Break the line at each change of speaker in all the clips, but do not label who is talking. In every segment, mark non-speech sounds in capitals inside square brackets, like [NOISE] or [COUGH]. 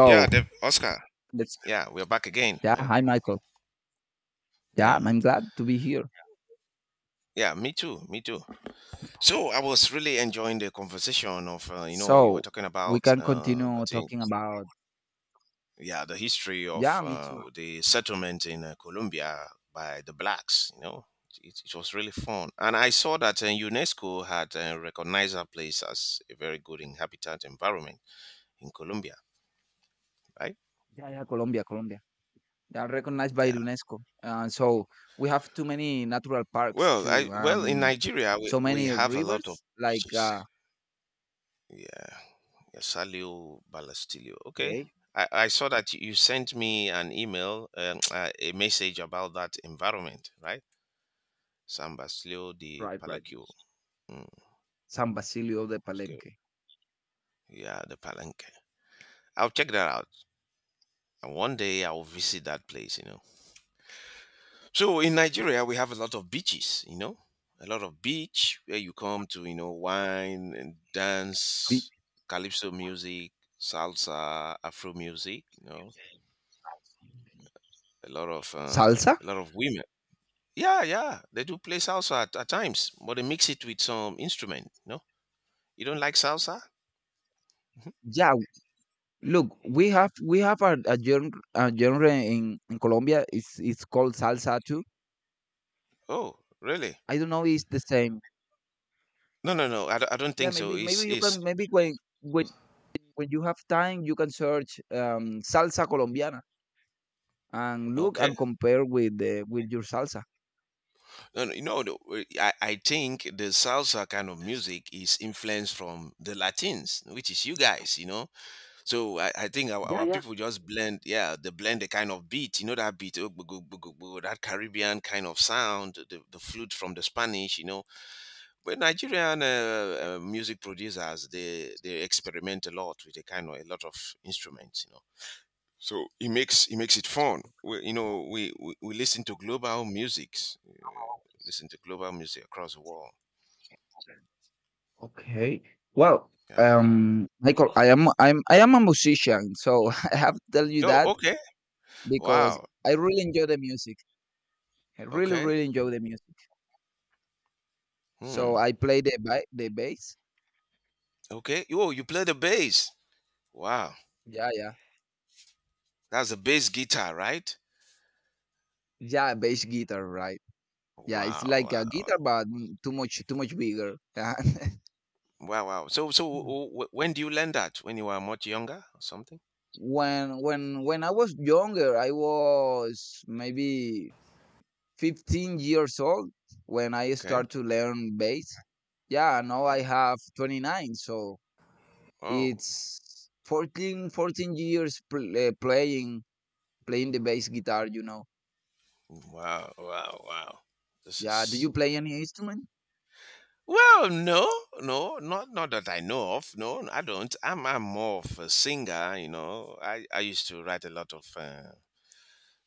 Yeah, Oscar.
let's,
Yeah, we're back again,
yeah,
man.
hi Michael. Yeah,
Yeah.
I'm glad to be here.
Yeah, me too. Me too. So I was really enjoying the conversation of, you know, you were
So
talking
we
about,
can
I
continue
think,
talking about.
yeah, the history of
Yeah, me too.
the settlement in Colombia by the blacks, you know. It was really fun. And I saw that UNESCO had recognized our place as a very good inhabitant environment in Colombia, right?
Yeah, yeah, Colombia, Colombia. They are recognized by
Yeah.
UNESCO. So we have too many natural parks
Well, I
too.
well in
Um,
Nigeria we,
so
we
many
have a lot of
rivers like,
beaches. Yeah. Salio Balastilio. Okay.
okay,
I saw that you sent me an email, [TSK] a message about that environment, right? San Basilio de
right, right.
Palacio. Mm,
San Basilio de
it's good.
Palenque.
Yeah, the Palenque. I'll check that out. And one day I'll visit that place, you know. So in Nigeria, we have a lot of beaches, you know, a lot of beach where you come to, you know, wine and
The
dance, calypso music, salsa, afro music, you know,
salsa?
a lot of women. Yeah, yeah, they do play salsa at times, but they mix it with some instrument. No, you don't like salsa?
Yeah, look, we have a genre in Colombia. It's called salsa too.
Oh, really?
I don't know if it's the same.
No, no, no. I don't
Yeah,
think so.
maybe
It's
maybe you can
it's
maybe when when you have time you can search salsa colombiana and look
okay.
and compare with your salsa.
No, no, you know, I think the salsa kind of music is influenced from the Latins, which is you guys. You know, so I think our,
Yeah,
our
yeah.
people just blend. Yeah, they blend the kind of beat. You know that beat, oh, that Caribbean kind of sound, the flute from the Spanish. You know. But Nigerian music producers, they experiment a lot with a kind of a lot of instruments, you know. So he makes it fun. We, you know, we listen to global musics, listen to global music across the world.
Okay. Well,
Yeah.
Michael, I am a musician, so [LAUGHS] I have to tell you
Oh,
that
okay.
because
Wow.
I really enjoy the music. I really
Okay.
really enjoy the music. So
Hmm.
I play the bass.
Okay. Oh, you play the bass. Wow.
Yeah, yeah.
That's a bass guitar, right?
Yeah, bass guitar, right. Yeah, it's
Wow.
like a
Wow.
guitar but too much bigger. [LAUGHS]
Wow. Wow. So
Yeah.
when do you learn that? When you were much younger or something?
When I was younger, I was maybe 15 years old when I
Okay.
started to learn bass. Yeah, now I have 29, so
Oh.
it's 14 years playing the bass guitar.
Wow, wow, wow. This
Yeah, do
is
you play any instrument?
well, no, no, not not that I know of. No, I don't. I'm more of a singer. You know, I used to write a lot of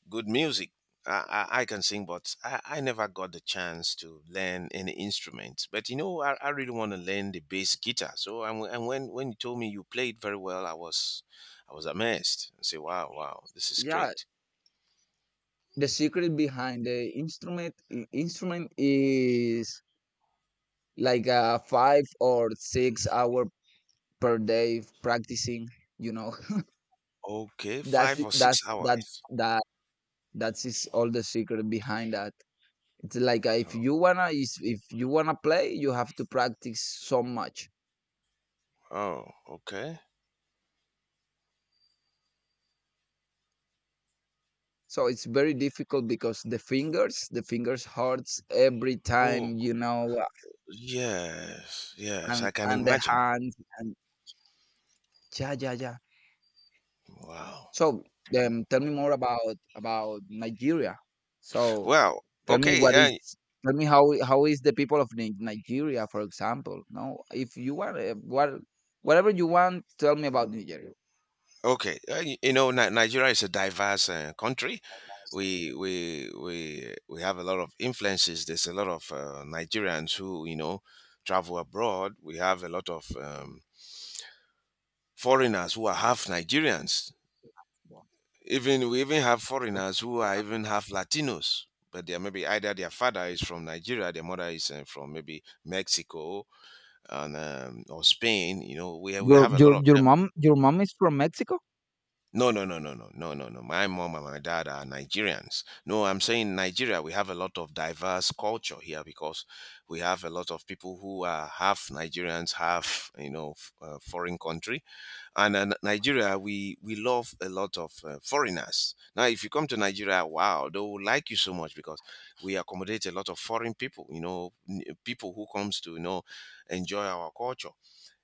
good music. I can sing, but I never got the chance to learn any instrument. But you know, I really want to learn the bass guitar. So and when you told me you played very well, I was amazed. I say, wow, wow, this is
Yeah,
great.
the secret behind the instrument is like a 5 or 6 hour per day practicing you know
Okay,
that's
five
it.
or six
That's
hours.
That is all the secret behind that. It's like
Oh,
if you wanna play. You have to practice so much.
oh, okay.
So it's very difficult because the fingers hurts every
Oh,
time.
yes, yes, I
and
can
and the
imagine.
hands, and yeah, yeah, yeah.
Wow.
So, tell me more about Nigeria. So,
Well,
tell me
okay,
what is tell me how is the people of Nigeria, for example. No, if you want, whatever you want, tell me about Nigeria.
okay. You know, Nigeria is a diverse country. We have a lot of influences. There's a lot of Nigerians who you know travel abroad. We have a lot of foreigners who are half Nigerians. Even we even have foreigners who are even half Latinos. But they are maybe either their father is from Nigeria, their mother is from maybe Mexico, and or Spain. You know, we
Your
have a lot
your
of
your
them.
mom your mom is from Mexico?
No, no, no, no, no, no, no, no. My mom and my dad are Nigerians. No, I'm saying Nigeria. We have a lot of diverse culture here because we have a lot of people who are half Nigerians, half you know foreign country. And Nigeria, we love a lot of foreigners. Now, if you come to Nigeria, wow, they will like you so much because we accommodate a lot of foreign people. You know, people who comes to you know enjoy our culture.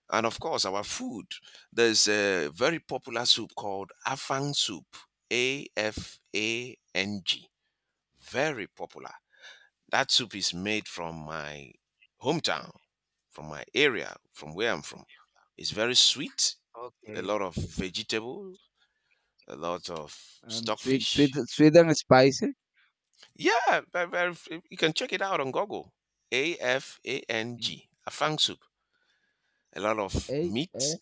And of course, our food. There's a very popular soup called Afang soup, Afang. Very popular. That soup is made from my hometown, from my area, from where I'm from. It's very sweet, a
Okay.
lot of vegetable, a lot of
And sweet sweet
stockfish.
sweet and spicy.
Yeah, very, very, you can check it out on Google. Afang, Afang soup. A lot
A
of meat,
F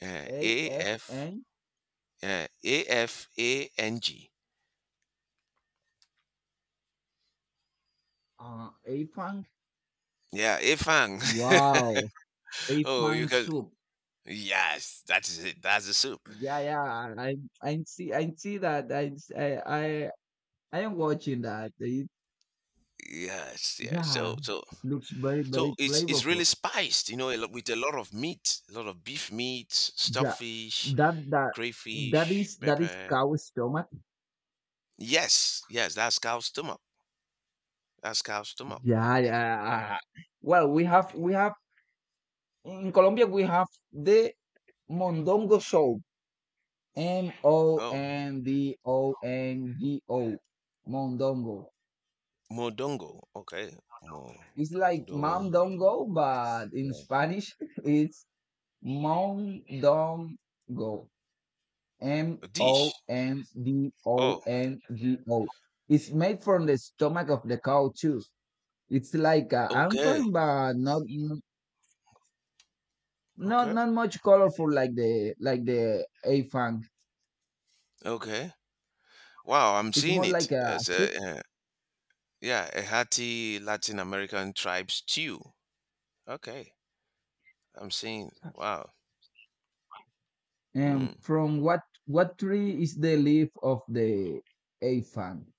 A
A
F
F
N
Yeah, Afang.
A Fang.
Yeah, afang.
Wow.
[LAUGHS]
A
oh, you
Fang
can.
soup.
Yes, that is it. That's the soup.
Yeah, yeah, I see that. I, I, I am watching that.
Yes, yes. So,
Yeah,
so,
looks very, very
so it's really
flavorful.
spiced, you know, with a lot of meat, a lot of beef meat,
Yeah,
stockfish,
that, that, that
crayfish,
is, that is
pepper.
cow stomach.
Yes, yes. That's cow's stomach. That's cow's stomach.
Yeah, yeah. Well, we have in Colombia, we have the mondongo soup. M O
Oh,
N D O N G O, mondongo. Mondongo.
modongo. Okay,
It's like
modong
mondongo, but in Spanish, [LAUGHS] it's mondongo,
a dish. Oh,
Mondongo. It's made from the stomach of the cow too. It's like a
okay,
anfang, but not not
okay,
not much colorful like the afang.
okay. Wow, I'm
It's
seeing
more
it.
like a
That's
soup.
a yeah. Yeah, a hearty Latin American tribe stew. Okay, I'm seeing. Wow.
And
Hmm.
from what tree is the leaf of the afang?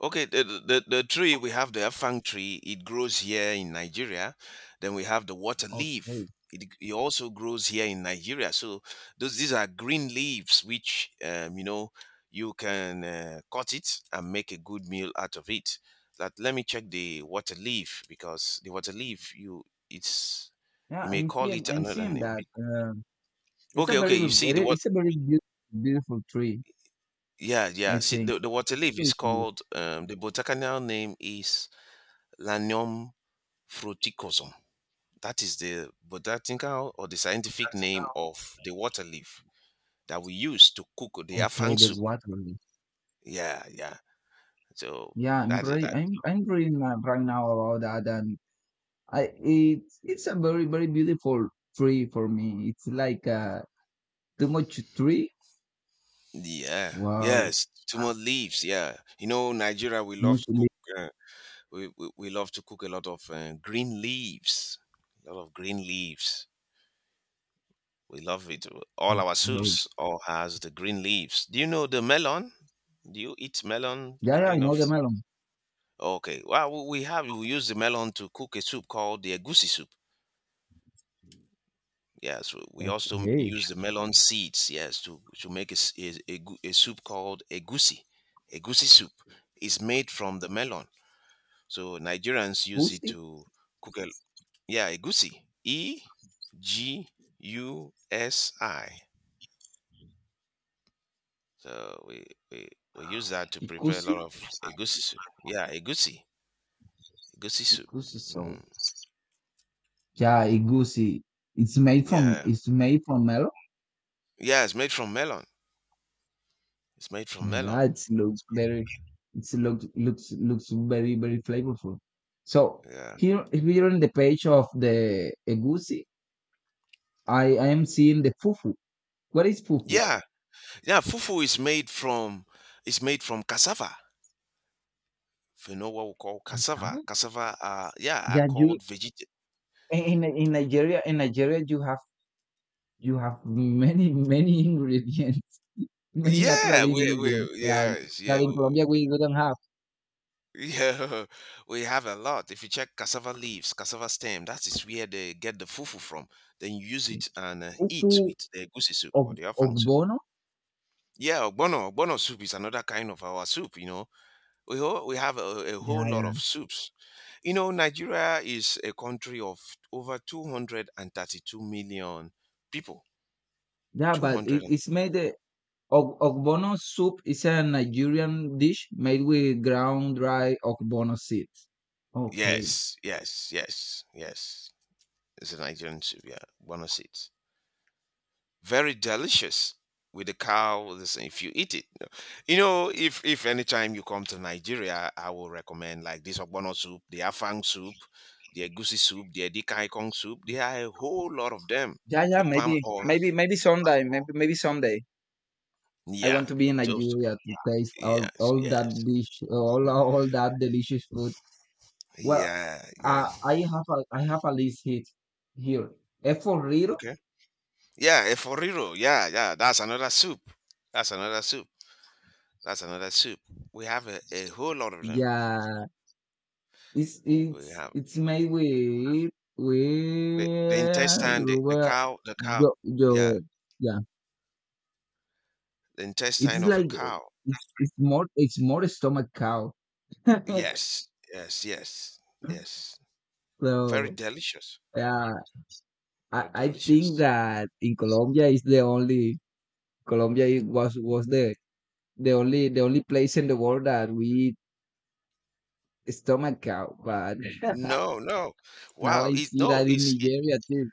Okay, the tree we have the afang tree. It grows here in Nigeria. Then we have the water leaf.
Okay,
It also grows here in Nigeria. So those these are green leaves, which you know you can cut it and make a good meal out of it. That let me check the water leaf because the water leaf you it's
yeah,
you may
I'm
call
seeing
it
I'm
another
seeing
name.
that. It's a
Okay, okay.
very
You see, the
very it's a very beautiful, beautiful tree,
Yeah, yeah.
I
See,
think.
the water leaf is called, the botanical name is Lanium fruticosum. That is the botanical or the scientific name of the water leaf that we use to cook the
Okay,
afang
the
soup.
water.
Yeah, yeah. So
Yeah, I'm
that is
very,
that.
I'm reading right now about that, and it's a very, very beautiful tree for me. It's like too much tree.
Yeah,
Wow,
yes. Two more leaves. Yeah. You know, Nigeria, we
too
love
much
to
leaf.
cook. Uh, we love to cook a lot of green leaves. A lot of green leaves. We love it. All our
Okay.
soups all has the green leaves. Do you know the melon? Do you eat melon
Yeah, yeah, I
kind of?
know the melon.
Okay. Well, we use the melon to cook a soup called the egusi soup. Yes,
Okay,
use the melon seeds. Yes, to make a, s- a gu- a soup called egusi. Egusi soup is made from the melon. So Nigerians use it
ikusi,
to cook a yeah egusi. E G U S I. So we, we use that to prepare a lot
ikusi,
of egusi soup. Yeah, egusi, egusi soup.
ikusi. So
Mm,
yeah, ikusi. It's made from,
yeah,
it's made from melon.
yeah, it's made from melon. It's made from melon.
Yeah, it looks very very flavorful. So
Yeah,
here on the page of the egusi, I am seeing the fufu. What is fufu?
yeah, yeah. Fufu is made from it's made from cassava. If you know what we call
Yes, sir.
cassava. Yeah, are
Yeah, you
called veget.
in Nigeria you have many many ingredients, [LAUGHS] many
Yeah,
natural ingredients
we
that
yes, yeah.
that in Colombia we don't have.
Yeah, [LAUGHS] we have a lot. If you check cassava leaves, cassava stem, that is where they get the fufu from. Then you use it and
Fufu
eat with the goosey soup
of
or the
of
afang soup.
bono.
Yeah, ogbono soup is another kind of our soup, you know. We have a
Yeah,
whole lot
yeah,
of soups. You know, Nigeria is a country of over 232 million people.
yeah. But
200
it,
and,
it's made. Ogbono soup is a Nigerian dish made with ground dry ogbono seeds. Okay.
yes, yes, yes, yes. It's a Nigerian soup, yeah, ogbono seeds. Very delicious with the cow this if you eat it, you know, if anytime you come to Nigeria I will recommend like this ogbono soup, the afang soup, the egusi soup, the edikai kong soup. There are a whole lot of them,
Yeah, yeah,
the palm
maybe,
oil.
maybe, maybe someday, maybe, maybe someday. I want
Yeah,
to be in
so
Nigeria to taste all,
yes,
all that
yes,
dish, all that delicious food. Well,
yeah, yeah,
I have a list hit here. Eforiro,
okay, yeah, a foriro. Yeah, yeah, that's another soup that's another soup. We have a whole lot of them.
yeah, it's,
We
it's,
have
it's made with,
the
with
intestine, the
Yoruba,
cow, the cow.
yo,
Yeah,
yo, yeah.
the intestine
It's
of a
like
cow.
it's more a stomach cow. [LAUGHS]
Yes, yes, yes, yes, very
So
delicious,
yeah,
very
I think
delicious.
that in Colombia is the only Colombia I- was the only place in the world that we eat stomach cow. But [LAUGHS]
No, no,
now
wow
I
it
see
no
that in
it's it,
Nigeria too.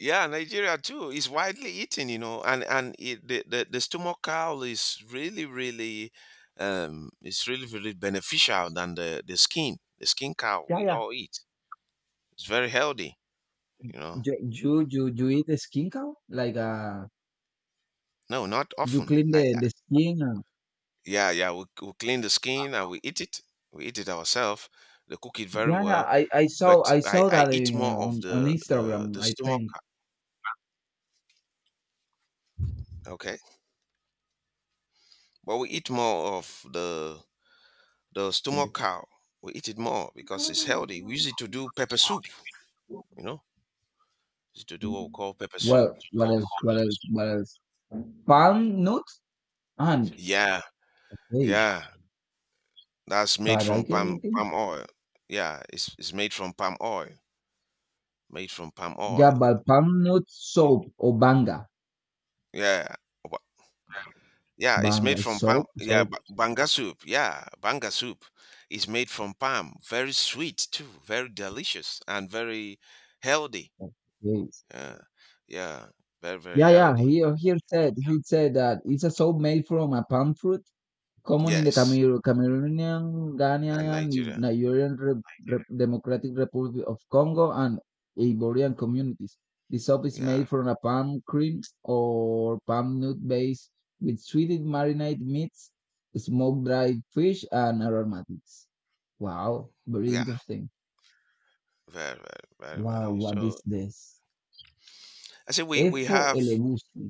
yeah Nigeria too it's widely eaten, you know. And it, the stomach cow is really really, it's really really beneficial than the skin, the skin cow
Yeah,
we
yeah.
all eat. It's very healthy, you know.
You eat the skin cow like
No, not
you
often
clean
I
the skin.
Yeah, yeah. We clean the skin and we eat it. We eat it ourselves. They cook it very
Yeah, yeah,
well.
I, I saw
But
I
I,
saw
I
that,
eat more of
on Instagram,
the
I
stomach.
think.
Okay. But we eat more of the stomach cow. We eat it more because it's healthy. We use it to do pepper soup, you know? Use it to do what we call pepper soup.
Well, what
Pepper
else?
soup.
What else? What else? Palm nuts and
Yeah,
hey,
yeah. That's made
but
from
I can eat it.
palm oil. Yeah, it's made from palm oil. Made from palm oil.
Yeah, but palm nut soap or banga.
Yeah. Yeah, it's made
Banga is
from palm.
soap.
Yeah,
Soap.
banga soup. Yeah, banga soup is made from palm. Very sweet too. Very delicious and very healthy.
Okay.
Uh, yeah, very very
Yeah, yeah. He
healthy.
he said that it's a soap made from a palm fruit. Common Commonly
Yes,
Cameroonian,
and
Ghanaian,
Nigeria.
Nigerian, Re Re Democratic Republic of Congo, and Ivorian communities. The soup is
Yeah,
made from a palm cream or palm nut base with sweetened marinated meats, smoked dried fish, and aromatics. Wow, very
yeah,
interesting. Wow,
very.
what is
So
this?
I say we
Efo
have
elegusi.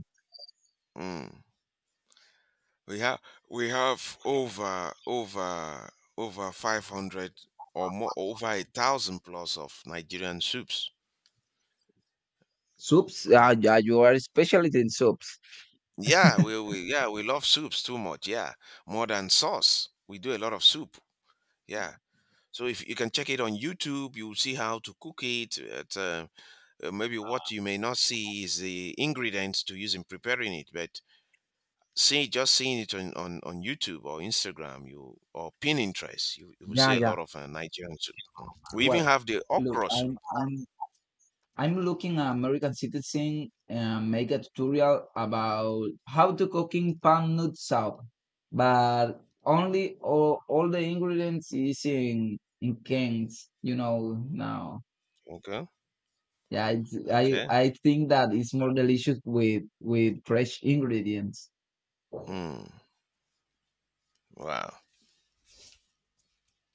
mm, we have we have over 500 or more, over 1,000 plus of Nigerian soups.
Soups?
Over
Yeah, yeah, you are specialist in soups.
Yeah, we yeah, we love soups too much. Yeah, more than sauce. We do a lot of soup. Yeah. So if you can check it on YouTube, you'll see how to cook it. Maybe what you may not see is the ingredients to use in preparing it, but see just seeing it on, on YouTube or Instagram, you or Pinterest, you will
Yeah,
see a
yeah.
lot of Nigerian soup. Mm. We
Well,
even have the
look,
okra soup.
I'm looking at American Citizen make a tutorial about how to cooking palm nut soup, but only all the ingredients is in cans. You know now.
Okay.
Yeah, I
Okay.
I think that it's more delicious with fresh ingredients.
Mm. Wow.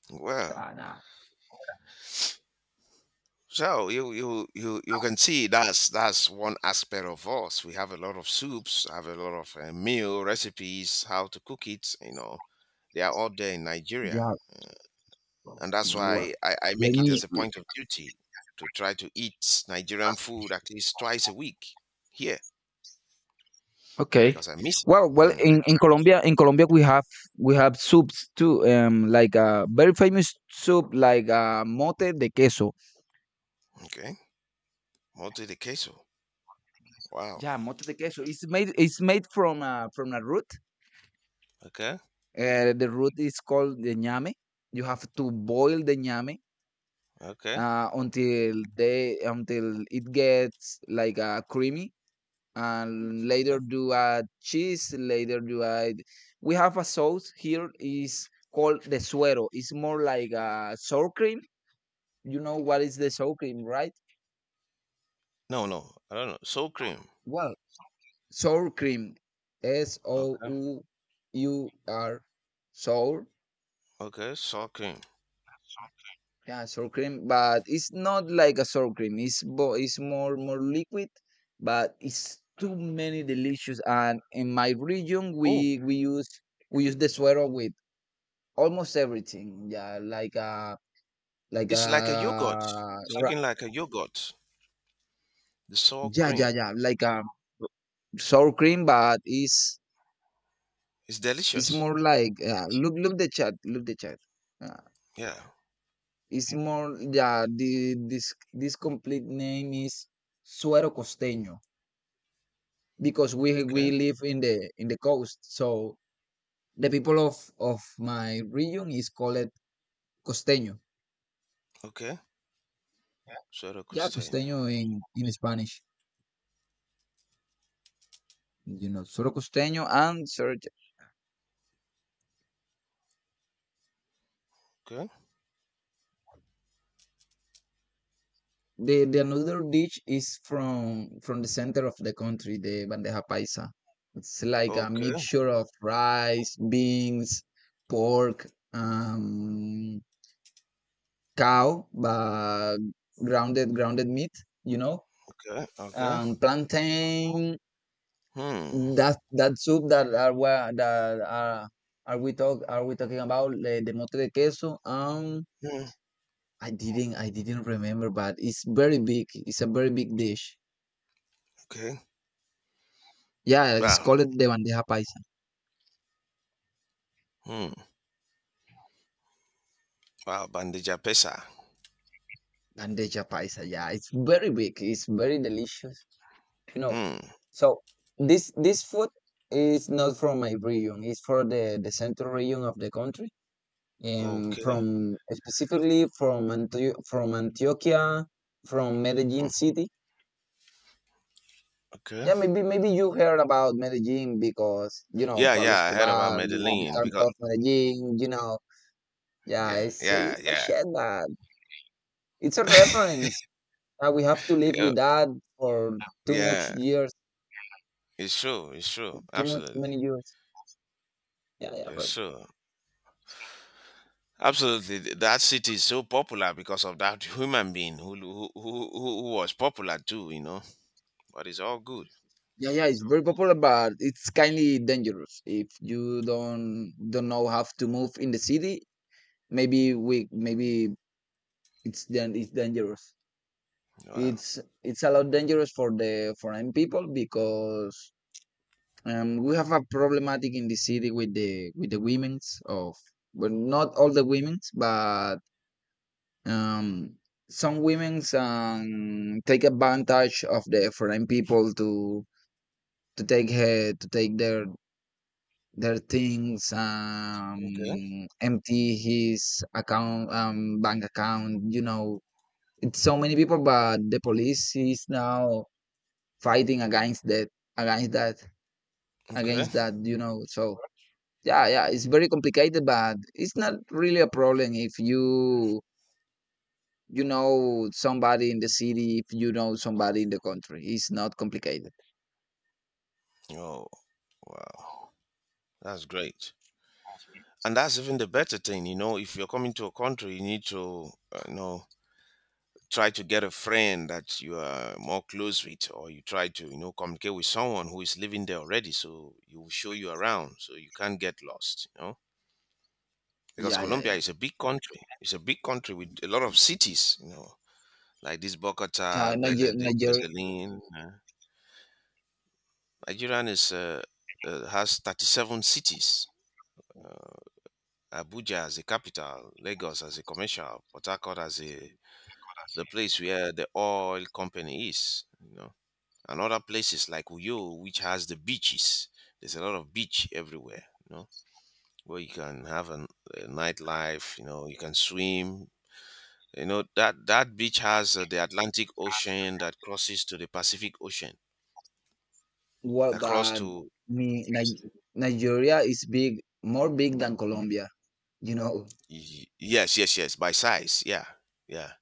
Wow.
Nah,
So you can see that's one aspect of us. We have a lot of soups, have a lot of meal recipes, how to cook it. You know, they are all there in Nigeria,
yeah. Well,
and that's why I
let
make it
me
as a point of duty to try to eat Nigerian food at least twice a week here
okay.
because I miss.
Well,
It. Mm,
in Colombia, we have soups too. Like a very famous soup, like, mote de queso.
okay, mote de queso. Wow.
Yeah, mote de queso. It's made from a root.
Okay.
The root is called the ñame. You have to boil the ñame,
Okay.
until it gets like, creamy, and
Yeah.
later do add cheese. Later do add We have a sauce here is called the suero. It's more like a sour cream. You know what is the sour cream, right?
No, no, I don't know. Soul cream.
Well, sour cream, s o
Okay.
u u r, sour.
Okay. Sour cream.
Yeah, sour cream, but it's not like a sour cream. It's more liquid. But it's too many delicious, and in my region,
Oh,
we use the suero with almost everything. Yeah, like,
it's like a yogurt. It's
ra
looking like a yogurt. The sour
yeah,
cream.
yeah, yeah, like, sour cream, but it's
It's
it's
delicious.
more like, look the chat. Uh,
Yeah.
it's, mhm, more. Yeah, the this this complete name is suero costeño because we
Okay.
we live in the coast, so the people of my region is called costeño.
Okay. Soda
Yeah,
custania.
costeño in Spanish, suero costeño and suero.
Okay.
The another dish is from the center of the country, the bandeja paisa. It's like a
Okay.
mixture of rice, beans, pork, cow, but grounded meat, you know,
Okay. Okay.
plantain.
Hmm.
That soup that are wha- that are we talk are we talking about the mote de queso?
Hmm.
I didn't remember, but it's very big. It's a very big dish.
Okay.
Yeah, it's
Wow.
called the bandeja paisa.
Hmm. Wow. Bandeja pesa.
Bandeja paisa. Yeah, it's very big. It's very delicious. You know.
Hmm.
So this food is not from my region. It's for the central region of the country. Um,
Okay.
from specifically from from Antioquia, from Medellin
Hmm.
city.
Okay.
Yeah, maybe you heard about Medellin because you know
Yeah.
Pablo
Yeah. I heard about
Escobar, you- know, the
Medellin
yeah.
because.
Of Medellin. You know, yeah,
Yeah.
it's
Yeah.
it's a
Yeah.
shit that. It's a reference. We have to live
Yeah.
with that for too much
Yeah.
years,
It's true. It's true.
too much
Absolutely.
many years. Yeah, yeah,
It's
but.
true. Absolutely, that city is so popular because of that human being who who was popular too. You know, but it's all good.
Yeah, yeah, it's very popular, but it's kind of dangerous if you don't know how to move in the city. Maybe it's then it's dangerous.
Wow.
It's it's a lot dangerous for the foreign people because we have a problematic in the city with the women's of, well, not all the women's, but. Um, some women, take advantage of the foreign people to take their things,
Okay.
empty his account, bank account. It's so many people, but the police is now fighting against that, against that,
Okay.
against that. You know. So yeah, yeah, it's very complicated, but it's not really a problem if you know somebody in the city if you know somebody in the country. It's not complicated.
Oh, wow. That's great. And that's even the better thing. You know, if you're coming to a country, you need to you know try to get a friend that you are more close with, or you try to you know communicate with someone who is living there already, so he will show you around, so you can't get lost. You know. Because
Yeah, yeah,
Colombia
yeah.
is a big country. It's a big country with a lot of cities, you know, like this Bogota,
Yeah, Niger- Nigeria.
Medellin. uh, Nigerian is has 37 cities. Abuja as the capital, Lagos as a commercial, Port Harcourt as a the place where the oil company is. You know, and other places like Uyo, which has the beaches. There's a lot of beach everywhere. You know, where you can have a nightlife. You know, you can swim. You know that that beach has the Atlantic Ocean that crosses to the Pacific Ocean
What
across
but
to
me Ni- Nigeria is big, more big than Colombia. You know,
Yes, yes, yes. By size, yeah, yeah.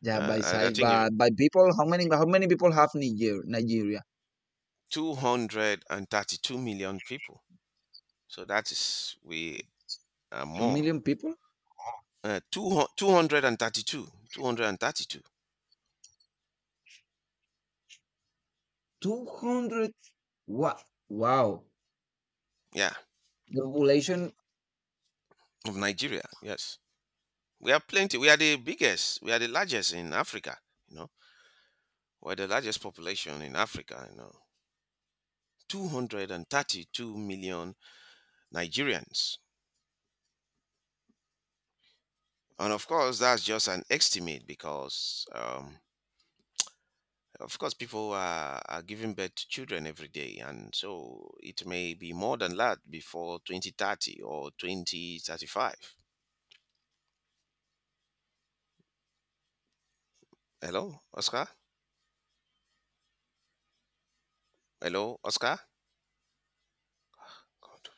yeah,
Uh,
by
I, I
size,
think if-
but by people, how many people have Nigeria?
232 million people. So that is we are
Two
more.
million people.
Two 232, 232.
200. Wow, wow.
Yeah,
The population
of Nigeria. Yes, we are plenty. We are the biggest. We are the largest in Africa. You know, we're the largest population in Africa. You know, 232 million Nigerians. And of course, that's just an estimate because of course, people are giving birth to children every day, and so it may be more than that before 2030 or 2035. Hello, Oscar? Hello, Oscar? God.